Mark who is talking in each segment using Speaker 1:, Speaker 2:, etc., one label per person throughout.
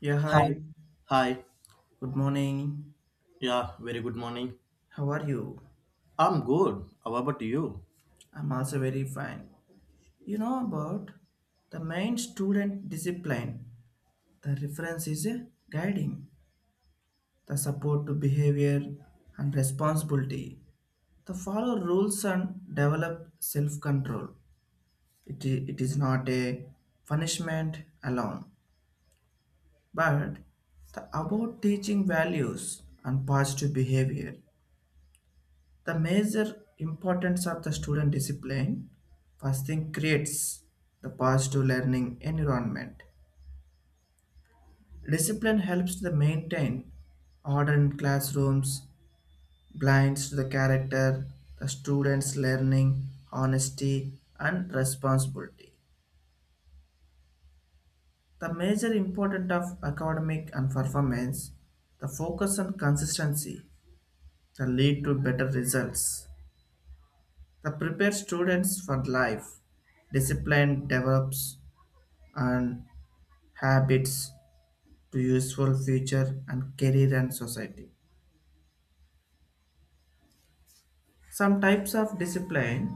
Speaker 1: Yeah,
Speaker 2: Hi.
Speaker 1: hi.
Speaker 2: Hi.
Speaker 1: Good morning.
Speaker 2: Yeah, very good morning.
Speaker 1: How are you?
Speaker 2: I'm good. How about you?
Speaker 1: I'm also very fine. You know about the main student discipline. The reference is a guiding, the support to behavior and responsibility. The follow rules and develop self-control. It is not a punishment alone, but the about teaching values and positive behavior. The major importance of the student discipline first thing creates the positive learning environment. Discipline helps to maintain order in classrooms, blinds to the character, the students' learning, honesty, and responsibility. The major importance of academic and performance, the focus on consistency, the lead to better results. The prepare students for life. Discipline develops and habits to useful future and career and society. Some types of discipline.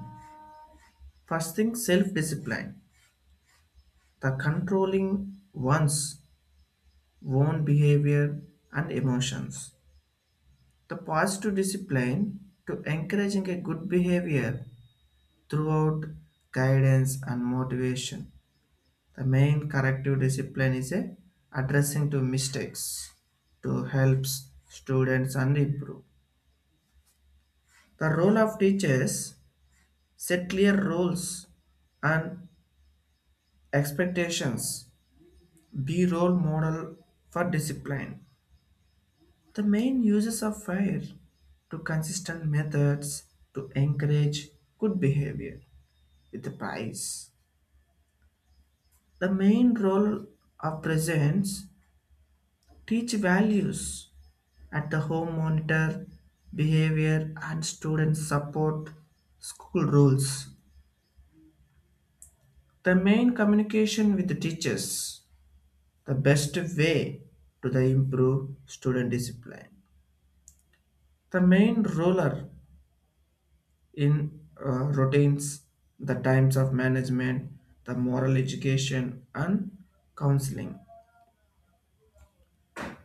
Speaker 1: First thing, self-discipline, the controlling one's own behavior and emotions. The positive discipline to encouraging a good behavior throughout guidance and motivation. The main corrective discipline is a addressing to mistakes to helps students and improve. The role of teachers set clear roles and expectations. Be role model for discipline. The main uses of fire to consistent methods to encourage good behavior with the prize. The main role of presence teach values at the home monitor behavior and student support school rules. The main communication with the teachers the best way to the improve student discipline. The main roller in routines, the times of management, the moral education and counseling.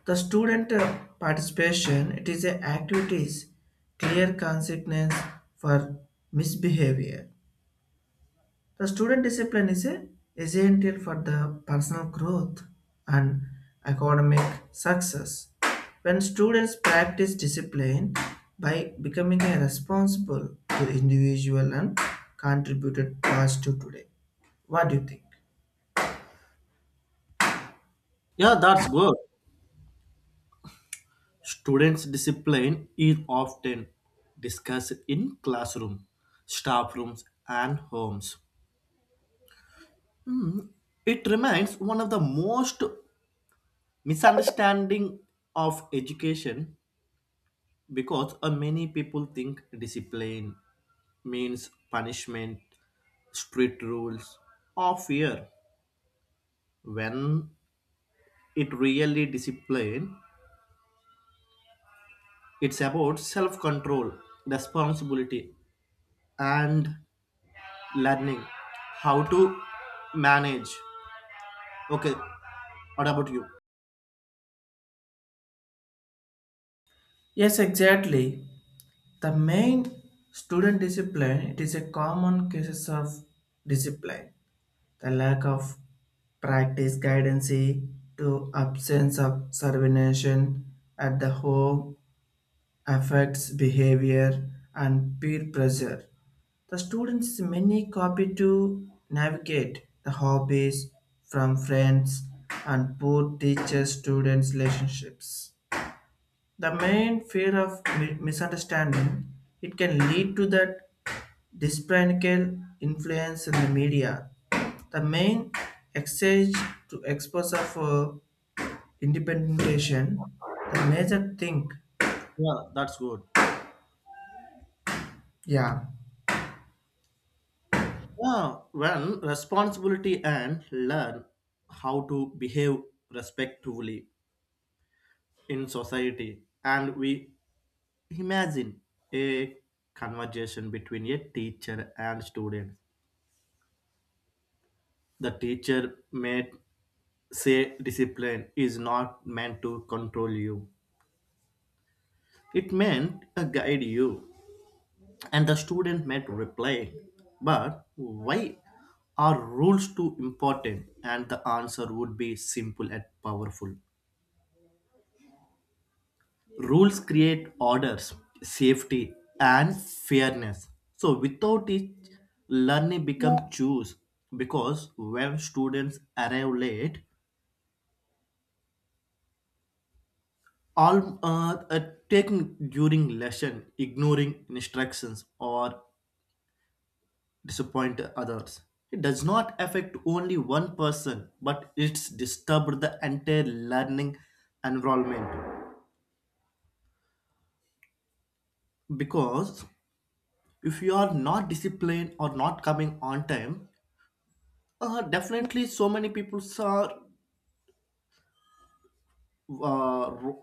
Speaker 1: The student participation it is a activities clear consequence for misbehavior. The student discipline is a essential for the personal growth and academic success. When students practice discipline by becoming a responsible to individual and contributed positive today. What do you think?
Speaker 2: Yeah, that's good. Students' discipline is often discussed in classroom, staff rooms, and homes. It remains one of the most misunderstanding of education because many people think discipline means punishment, strict rules, or fear when it really discipline. It's about self control, responsibility, and learning how to manage. Okay, what about you?
Speaker 1: Yes, exactly. The main student discipline it is a common cases of discipline. The lack of practice guidance to absence of supervision at the home affects behavior and peer pressure. The students many copy to navigate the hobbies from friends and poor teacher students relationships. The main fear of misunderstanding it can lead to that. Despicable influence in the media. The main exchange to exposure for independentiation, the major thing.
Speaker 2: Yeah, that's good.
Speaker 1: Yeah.
Speaker 2: Yeah, when responsibility and learn how to behave respectfully in society, and we imagine a conversation between a teacher and student. The teacher may say discipline is not meant to control you. It meant a guide you. And the student might reply, but why are rules too important? And the answer would be simple and powerful. Rules create orders, safety, and fairness. So without it, learning becomes choose because when students arrive late, all taking during lesson, ignoring instructions or disappoint others. It does not affect only one person, but it's disturbed the entire learning environment. Because if you are not disciplined or not coming on time, definitely so many people are uh, ru-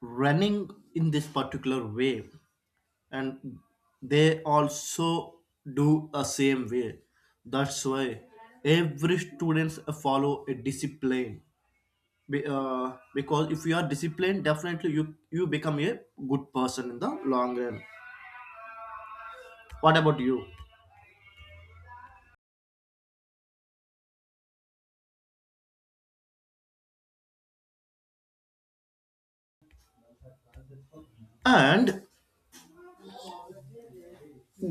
Speaker 2: running in this particular way and they also do a same way, that's why every students follow a discipline. Because if you are disciplined, definitely you become a good person in the long run. What about you? And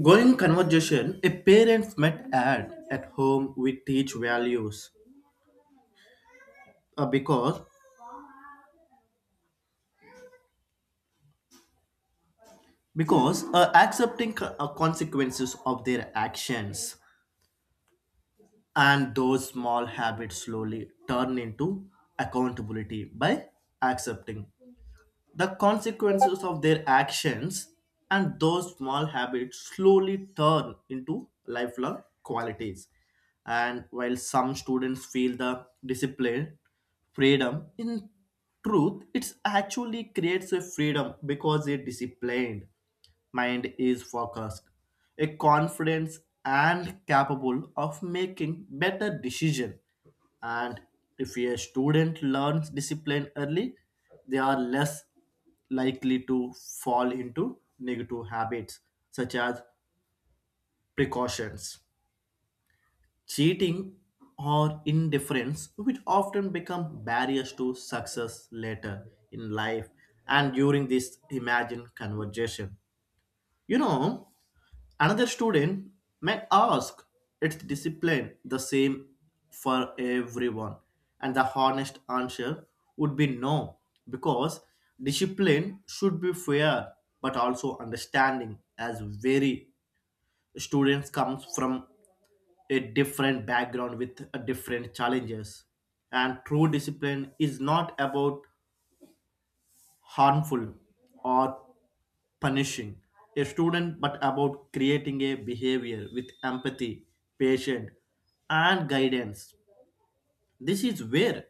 Speaker 2: going conversation a parent might add at home we teach values, uh, because because accepting consequences of their actions, and those small habits slowly turn into accountability by accepting the consequences of their actions, and those small habits slowly turn into lifelong qualities. And while some students feel the discipline freedom in truth, it actually creates a freedom because they're disciplined mind is focused, a confident and capable of making better decision. And if a student learns discipline early, they are less likely to fall into negative habits such as precautions, cheating, or indifference, which often become barriers to success later in life. And during this imagined conversation, you know, another student may ask its discipline the same for everyone, and the honest answer would be no, because discipline should be fair but also understanding, as very students comes from a different background with a different challenges, and true discipline is not about harmful or punishing a student, but about creating a behavior with empathy, patience, and guidance. This is where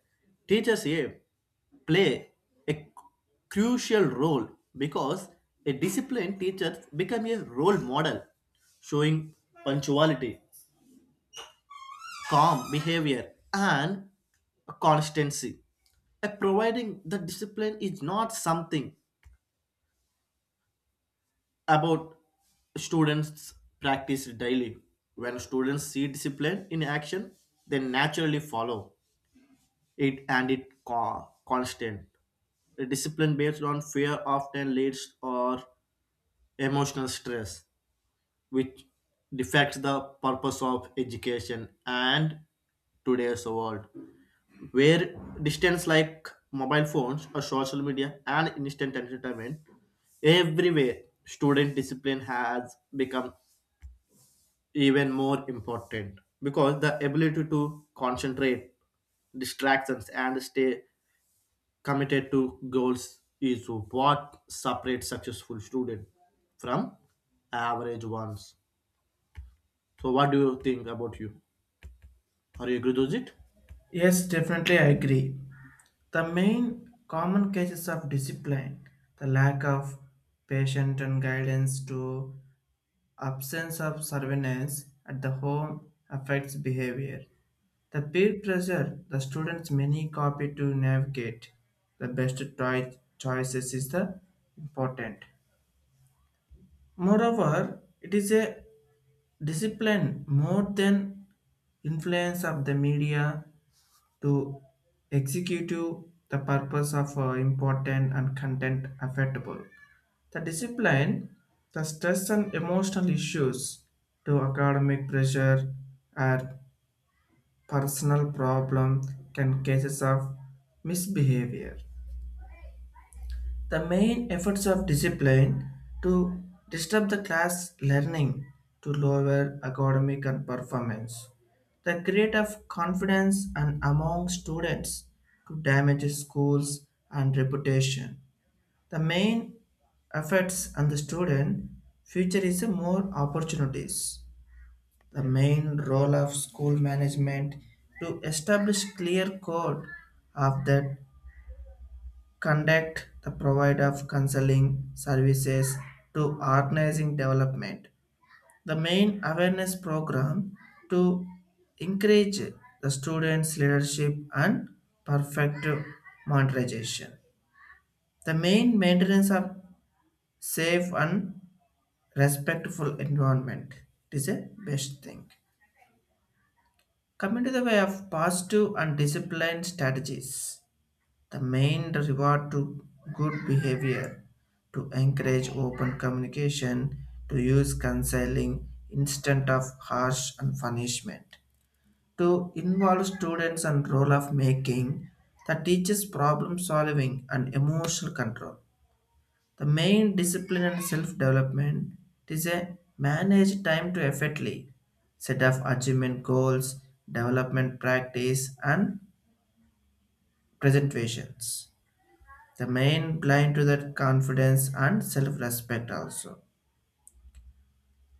Speaker 2: teachers play a crucial role because a disciplined teacher becomes a role model, showing punctuality, calm behavior, and constancy. A providing the discipline is not something about students practice daily. When students see discipline in action, they naturally follow it and it constant. A discipline based on fear often leads or emotional stress which defects the purpose of education. And today's world where distance like mobile phones or social media and instant entertainment everywhere, student discipline has become even more important because the ability to concentrate distractions and stay committed to goals is what separates successful students from average ones. So, what do you think about you? Are you agree with it?
Speaker 1: Yes, definitely I agree. The main common cases of discipline, the lack of patient and guidance to absence of surveillance at the home affects behavior. The peer pressure the students many copy to navigate the best choices is the important. Moreover, it is a discipline more than influence of the media to executive the purpose of important and content affectable. The discipline, the stress and emotional issues to academic pressure are personal problem can cases of misbehavior. The main efforts of discipline to disturb the class learning to lower academic and performance. The create of confidence and among students to damage schools and reputation. The main efforts on the student future is more opportunities. The main role of school management to establish clear code of that conduct the provide of counseling services to organizing development. The main awareness program to encourage the students leadership and perfect monetization. The main maintenance of safe and respectful environment it is a best thing. Coming to the way of positive and disciplined strategies, the main reward to good behavior to encourage open communication, to use counseling instead of harsh and punishment, to involve students and role of making that teaches problem solving and emotional control. The main discipline and self-development is a managed time to effectively set of achievement goals, development practice, and presentations. The main blind to that confidence and self-respect also.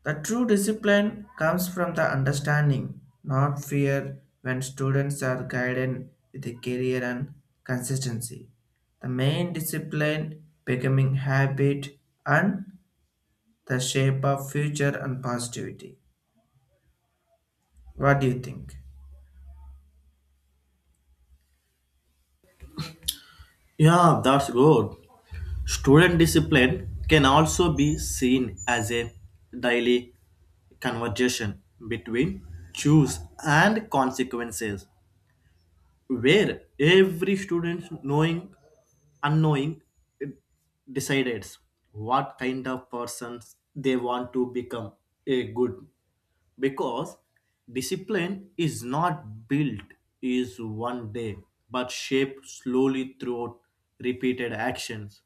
Speaker 1: The true discipline comes from the understanding, not fear, when students are guided with a career and consistency. The main discipline becoming habit and the shape of future and positivity. What do you think?
Speaker 2: Yeah, that's good. Student discipline can also be seen as a daily conversation between choose and consequences, where every student knowing, unknowing, decides what kind of persons they want to become a good, because discipline is not built is one day but shaped slowly throughout repeated actions.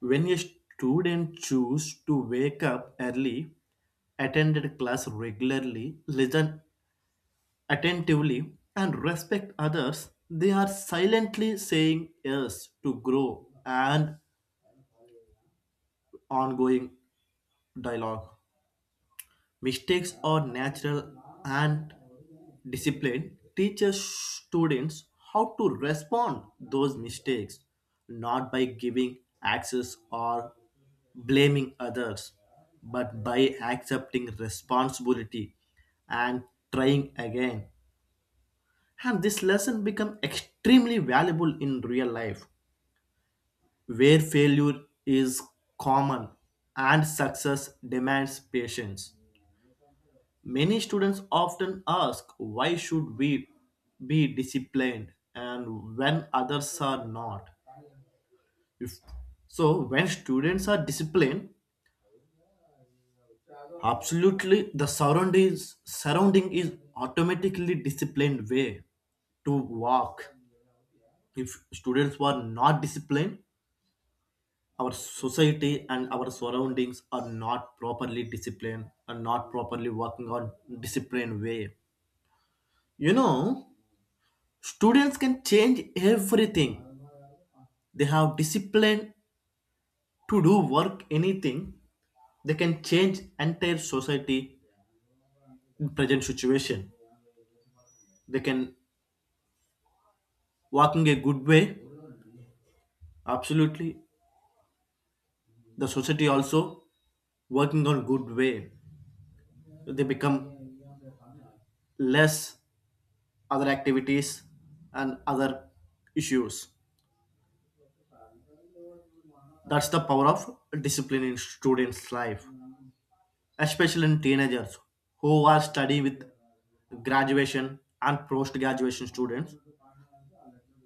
Speaker 2: When a student choose to wake up early, attended class regularly, listen attentively and respect others, they are silently saying yes to grow and ongoing dialogue. Mistakes are natural, and discipline teaches students how to respond those mistakes, not by giving access or blaming others, but by accepting responsibility and trying again. And this lesson become extremely valuable in real life, where failure is common and success demands patience. Many students often ask why should we be disciplined and when others are not. If so, when students are disciplined, absolutely the surrounding is automatically disciplined way to walk. If students were not disciplined, our society and our surroundings are not properly disciplined and not properly working on disciplined way. You know, students can change everything. They have discipline to do work anything. They can change entire society in present situation. They can working a good way. Absolutely, the society also working on good way. They become less other activities and other issues. That's the power of discipline in students' life, especially in teenagers who are study with graduation and post graduation students.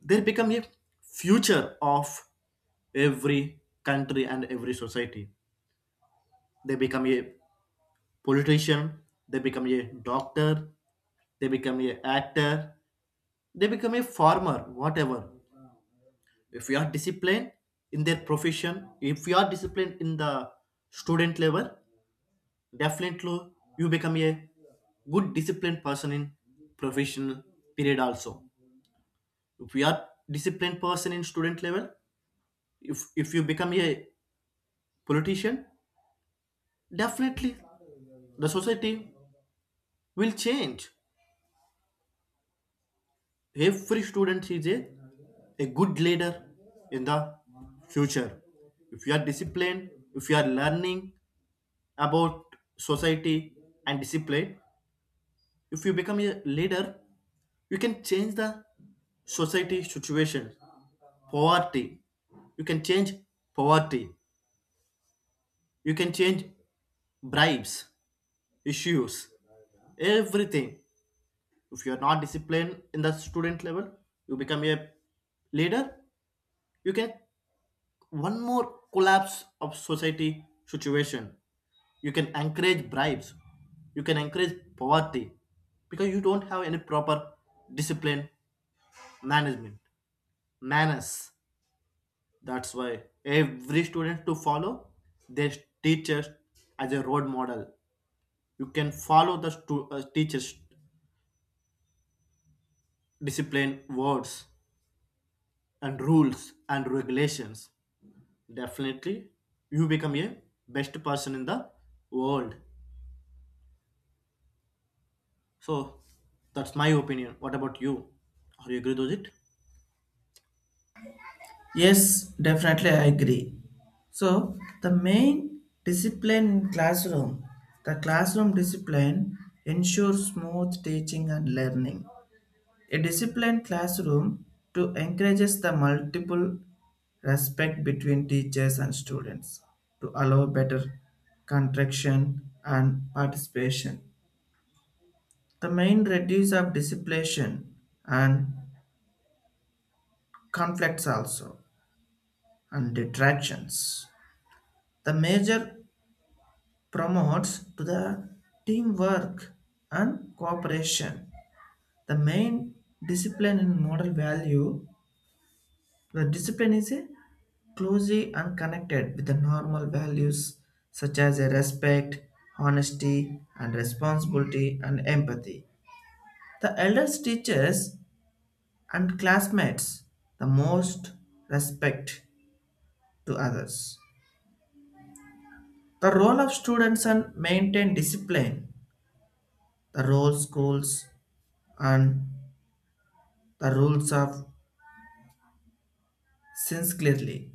Speaker 2: They become a future of every country and every society. They become a politician, they become a doctor, they become a actor, they become a farmer, whatever. If you are disciplined in their profession, if you are disciplined in the student level, definitely you become a good disciplined person in professional period also. If you are disciplined person in student level, if you become a politician, definitely the society will change. Every student is a good leader in the future. If you are disciplined, if you are learning about society and discipline, if you become a leader, you can change the society situation poverty. You can change poverty. You can change bribes, issues, everything. If you are not disciplined in the student level, you become a leader. You can one more collapse of society situation. You can encourage bribes. You can encourage poverty because you don't have any proper discipline, management, manners. That's why every student to follow their teachers as a role model. You can follow the teacher's discipline words and rules and regulations. Definitely, you become a best person in the world. So that's my opinion. What about you? Are you agree with it?
Speaker 1: Yes, definitely I agree. So the main discipline in classroom, the classroom discipline ensures smooth teaching and learning. A disciplined classroom to encourages the multiple respect between teachers and students to allow better contraction and participation. The main reduce of discipline and conflicts also and detractions. The major promotes to the teamwork and cooperation. The main discipline in moral value, the discipline is a closely and connected with the normal values such as a respect, honesty, and responsibility and empathy. The elders teachers and classmates the most respect to others. The role of students and maintain discipline, the role schools and the rules of since clearly,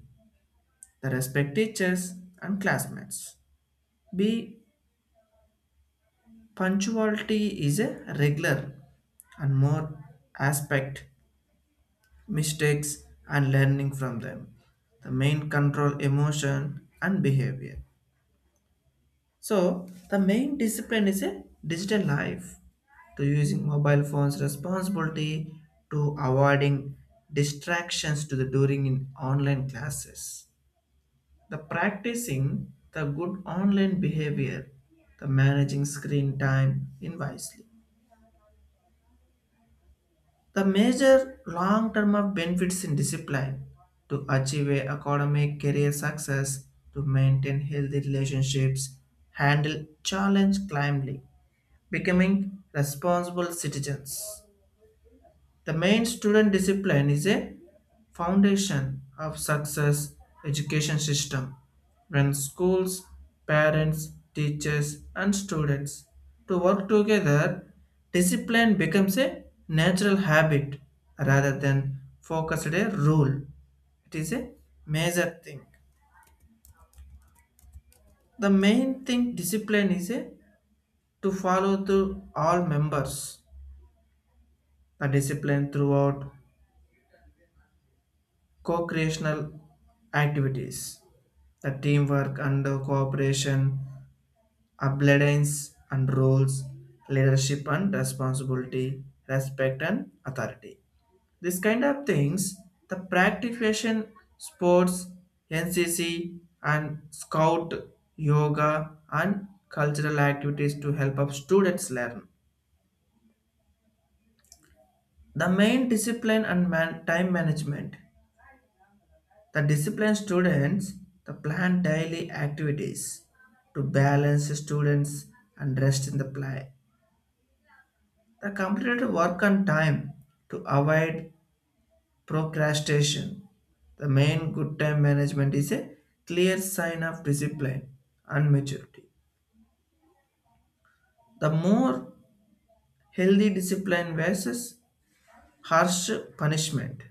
Speaker 1: the respect teachers and classmates. B punctuality is a regular and more aspect mistakes and learning from them. The main control emotion and behavior. So the main discipline is a digital life to using mobile phones responsibility to avoiding distractions to the during in online classes. The practicing the good online behavior, the managing screen time in wisely. The major long term of benefits in discipline to achieve a academic career success, to maintain healthy relationships, handle challenge calmly becoming responsible citizens. The main student discipline is a foundation of success education system when schools, parents, teachers and students to work together discipline becomes a natural habit rather than focused a rule it is a major thing. The main thing discipline is a to follow through all members the discipline throughout co-creational activities, the teamwork and the cooperation, obedience and roles, leadership and responsibility, respect and authority. This kind of things, the practication, sports, NCC and scout, yoga and cultural activities to help up students learn. The main discipline and time management. The disciplined students the plan daily activities to balance students and rest in the play. The completed work on time to avoid procrastination. The main good time management is a clear sign of discipline and maturity. The more healthy discipline versus harsh punishment.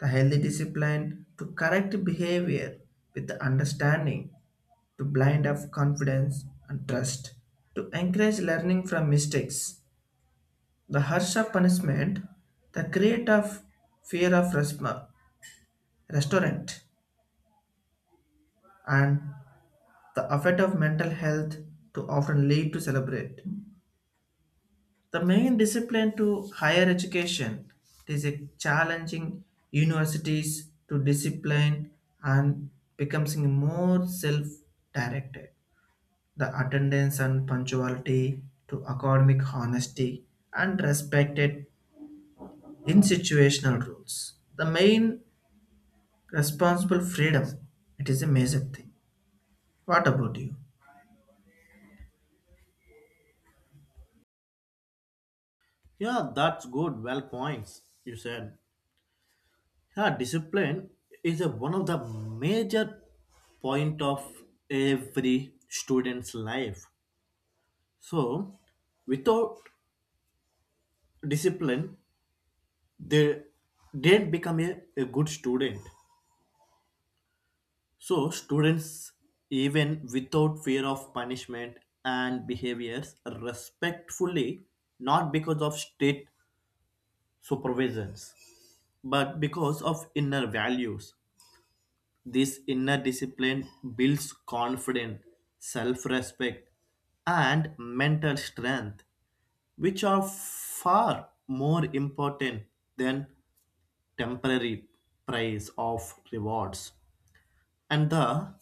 Speaker 1: The healthy discipline to correct behavior with the understanding to blind of confidence and trust, to encourage learning from mistakes. The harsh of punishment, the create of fear of restaurant, and the effect of mental health to often lead to celebrate. The main discipline to higher education is a challenging universities to discipline and becoming more self-directed. The attendance and punctuality to academic honesty and respected in situational rules. The main responsible freedom. It is a major thing. What about you?
Speaker 2: Yeah, that's good. Well points you said. Yeah, discipline is one of the major point of every student's life. So, without discipline, they didn't become a good student. So, students, even without fear of punishment and behaviors, respectfully, not because of state supervisions, but because of inner values. This inner discipline builds confidence, self respect, and mental strength, which are far more important than temporary praise of rewards. And the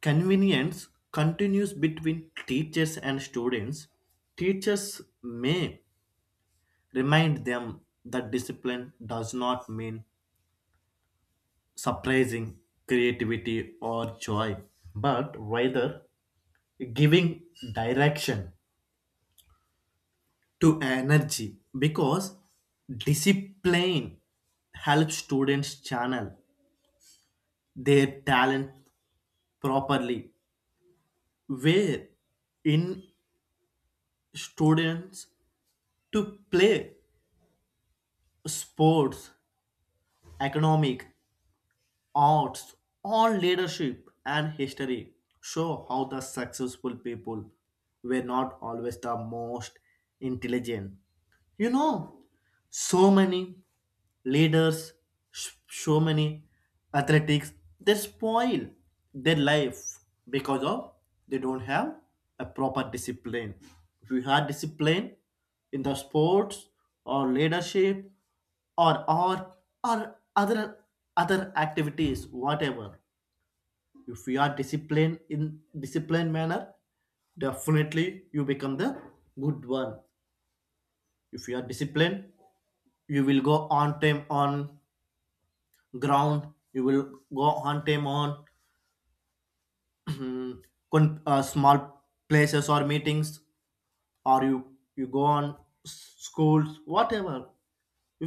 Speaker 2: convenience continues between teachers and students. Teachers may remind them that discipline does not mean suppressing creativity or joy, but rather giving direction to energy because discipline helps students channel their talent properly where in students to play sports, economic, arts or leadership and history show how the successful people were not always the most intelligent. You know, so many leaders, so many athletics, they spoil their life because of they don't have a proper discipline. If you had discipline in the sports or leadership or or or other other activities, whatever, if you are disciplined in disciplined manner, definitely you become the good one. If you are disciplined, you will go on time on ground. You will go on time on small places or meetings, or you go on schools whatever.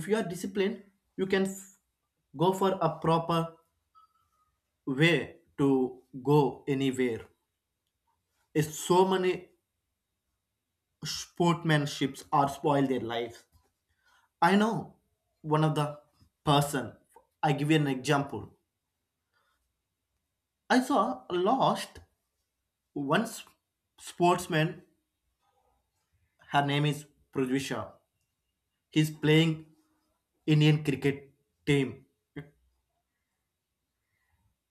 Speaker 2: If you are disciplined, you can go for a proper way to go anywhere. It's so many sportsmanships are spoil their lives. I know one of the person, I give you an example. I saw lost one sportsman, her name is Prithvisha. He's playing Indian cricket team.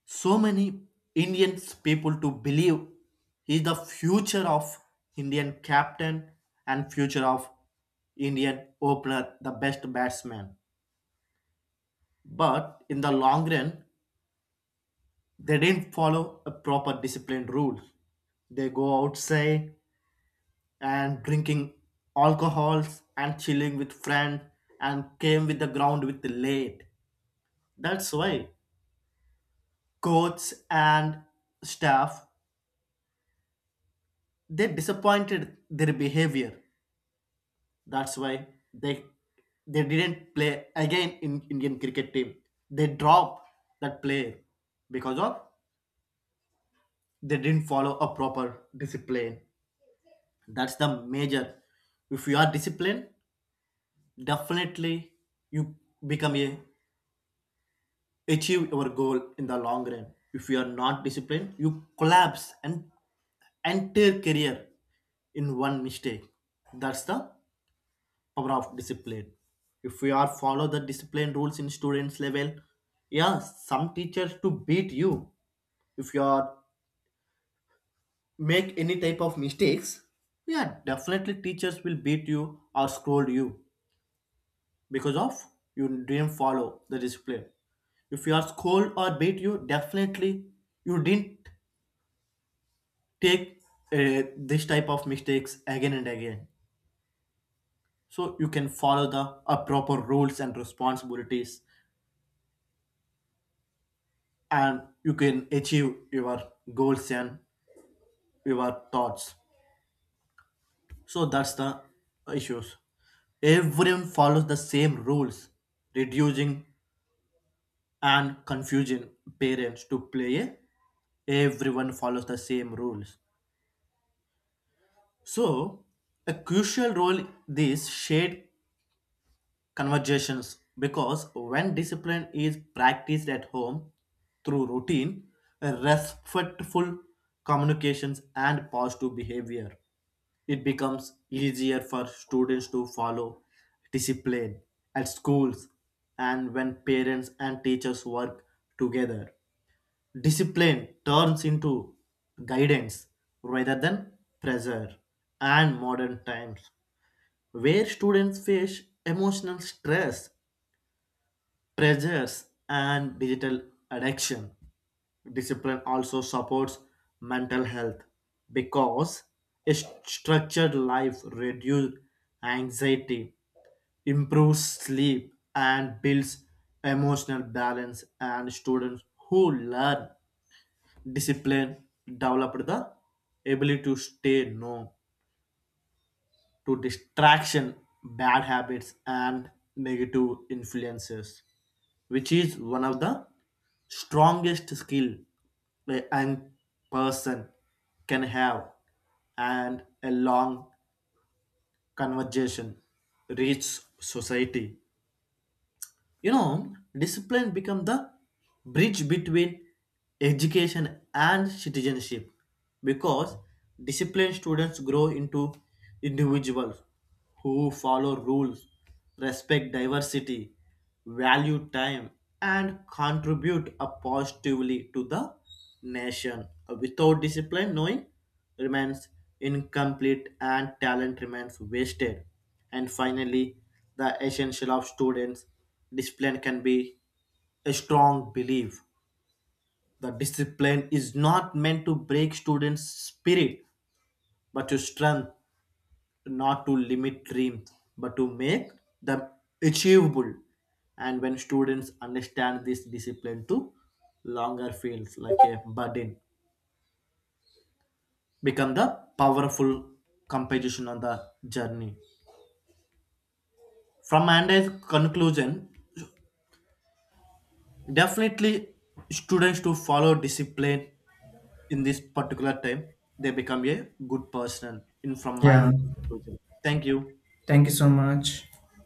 Speaker 2: So many Indian people to believe he's the future of Indian captain and future of Indian opener, the best batsman. But in the long run, they didn't follow a proper disciplined rules. They go outside and drinking alcohols and chilling with friend and came with the ground with late. That's why coach and staff they disappointed their behavior. That's why they they didn't play again in Indian cricket team. They drop that player because of they didn't follow a proper discipline. That's the major. If you are disciplined, definitely you become a achieve your goal in the long run. If you are not disciplined, you collapse an entire career in one mistake. That's the power of discipline. If we are follow the discipline rules in students level, yeah some teachers to beat you if you are make any type of mistakes. Yeah, definitely teachers will beat you or scold you because of you didn't follow the discipline. If you are scolded or beat you, definitely you didn't take this type of mistakes again and again. So you can follow the proper rules and responsibilities, and you can achieve your goals and your thoughts. So that's the issues. Everyone follows the same rules, reducing and confusing parents to play a everyone follows the same rules, so a crucial role this shared conversations because when discipline is practiced at home through routine, respectful communications, and positive behavior, it becomes easier for students to follow discipline at schools. And when parents and teachers work together, discipline turns into guidance rather than pressure. And modern times where students face emotional stress pressures and digital addiction. Discipline also supports mental health because a structured life reduces anxiety, improves sleep, and builds emotional balance. And students who learn discipline develop the ability to stay no to distraction, bad habits, and negative influences, which is one of the strongest skill a young person can have. And a long conversation reach society, you know, discipline become the bridge between education and citizenship because disciplined students grow into individuals who follow rules, respect diversity, value time, and contribute positively to the nation. Without discipline knowing remains incomplete and talent remains wasted. And finally, the essential of students' discipline can be a strong belief. The discipline is not meant to break students' spirit, but to strengthen, not to limit dreams, but to make them achievable. And when students understand this discipline to longer feels like a burden, become the powerful composition on the journey. From Andy's conclusion, definitely students to follow discipline in this particular time, they become a good person. In from my
Speaker 1: Yeah,
Speaker 2: conclusion. Thank you.
Speaker 1: thank you so much.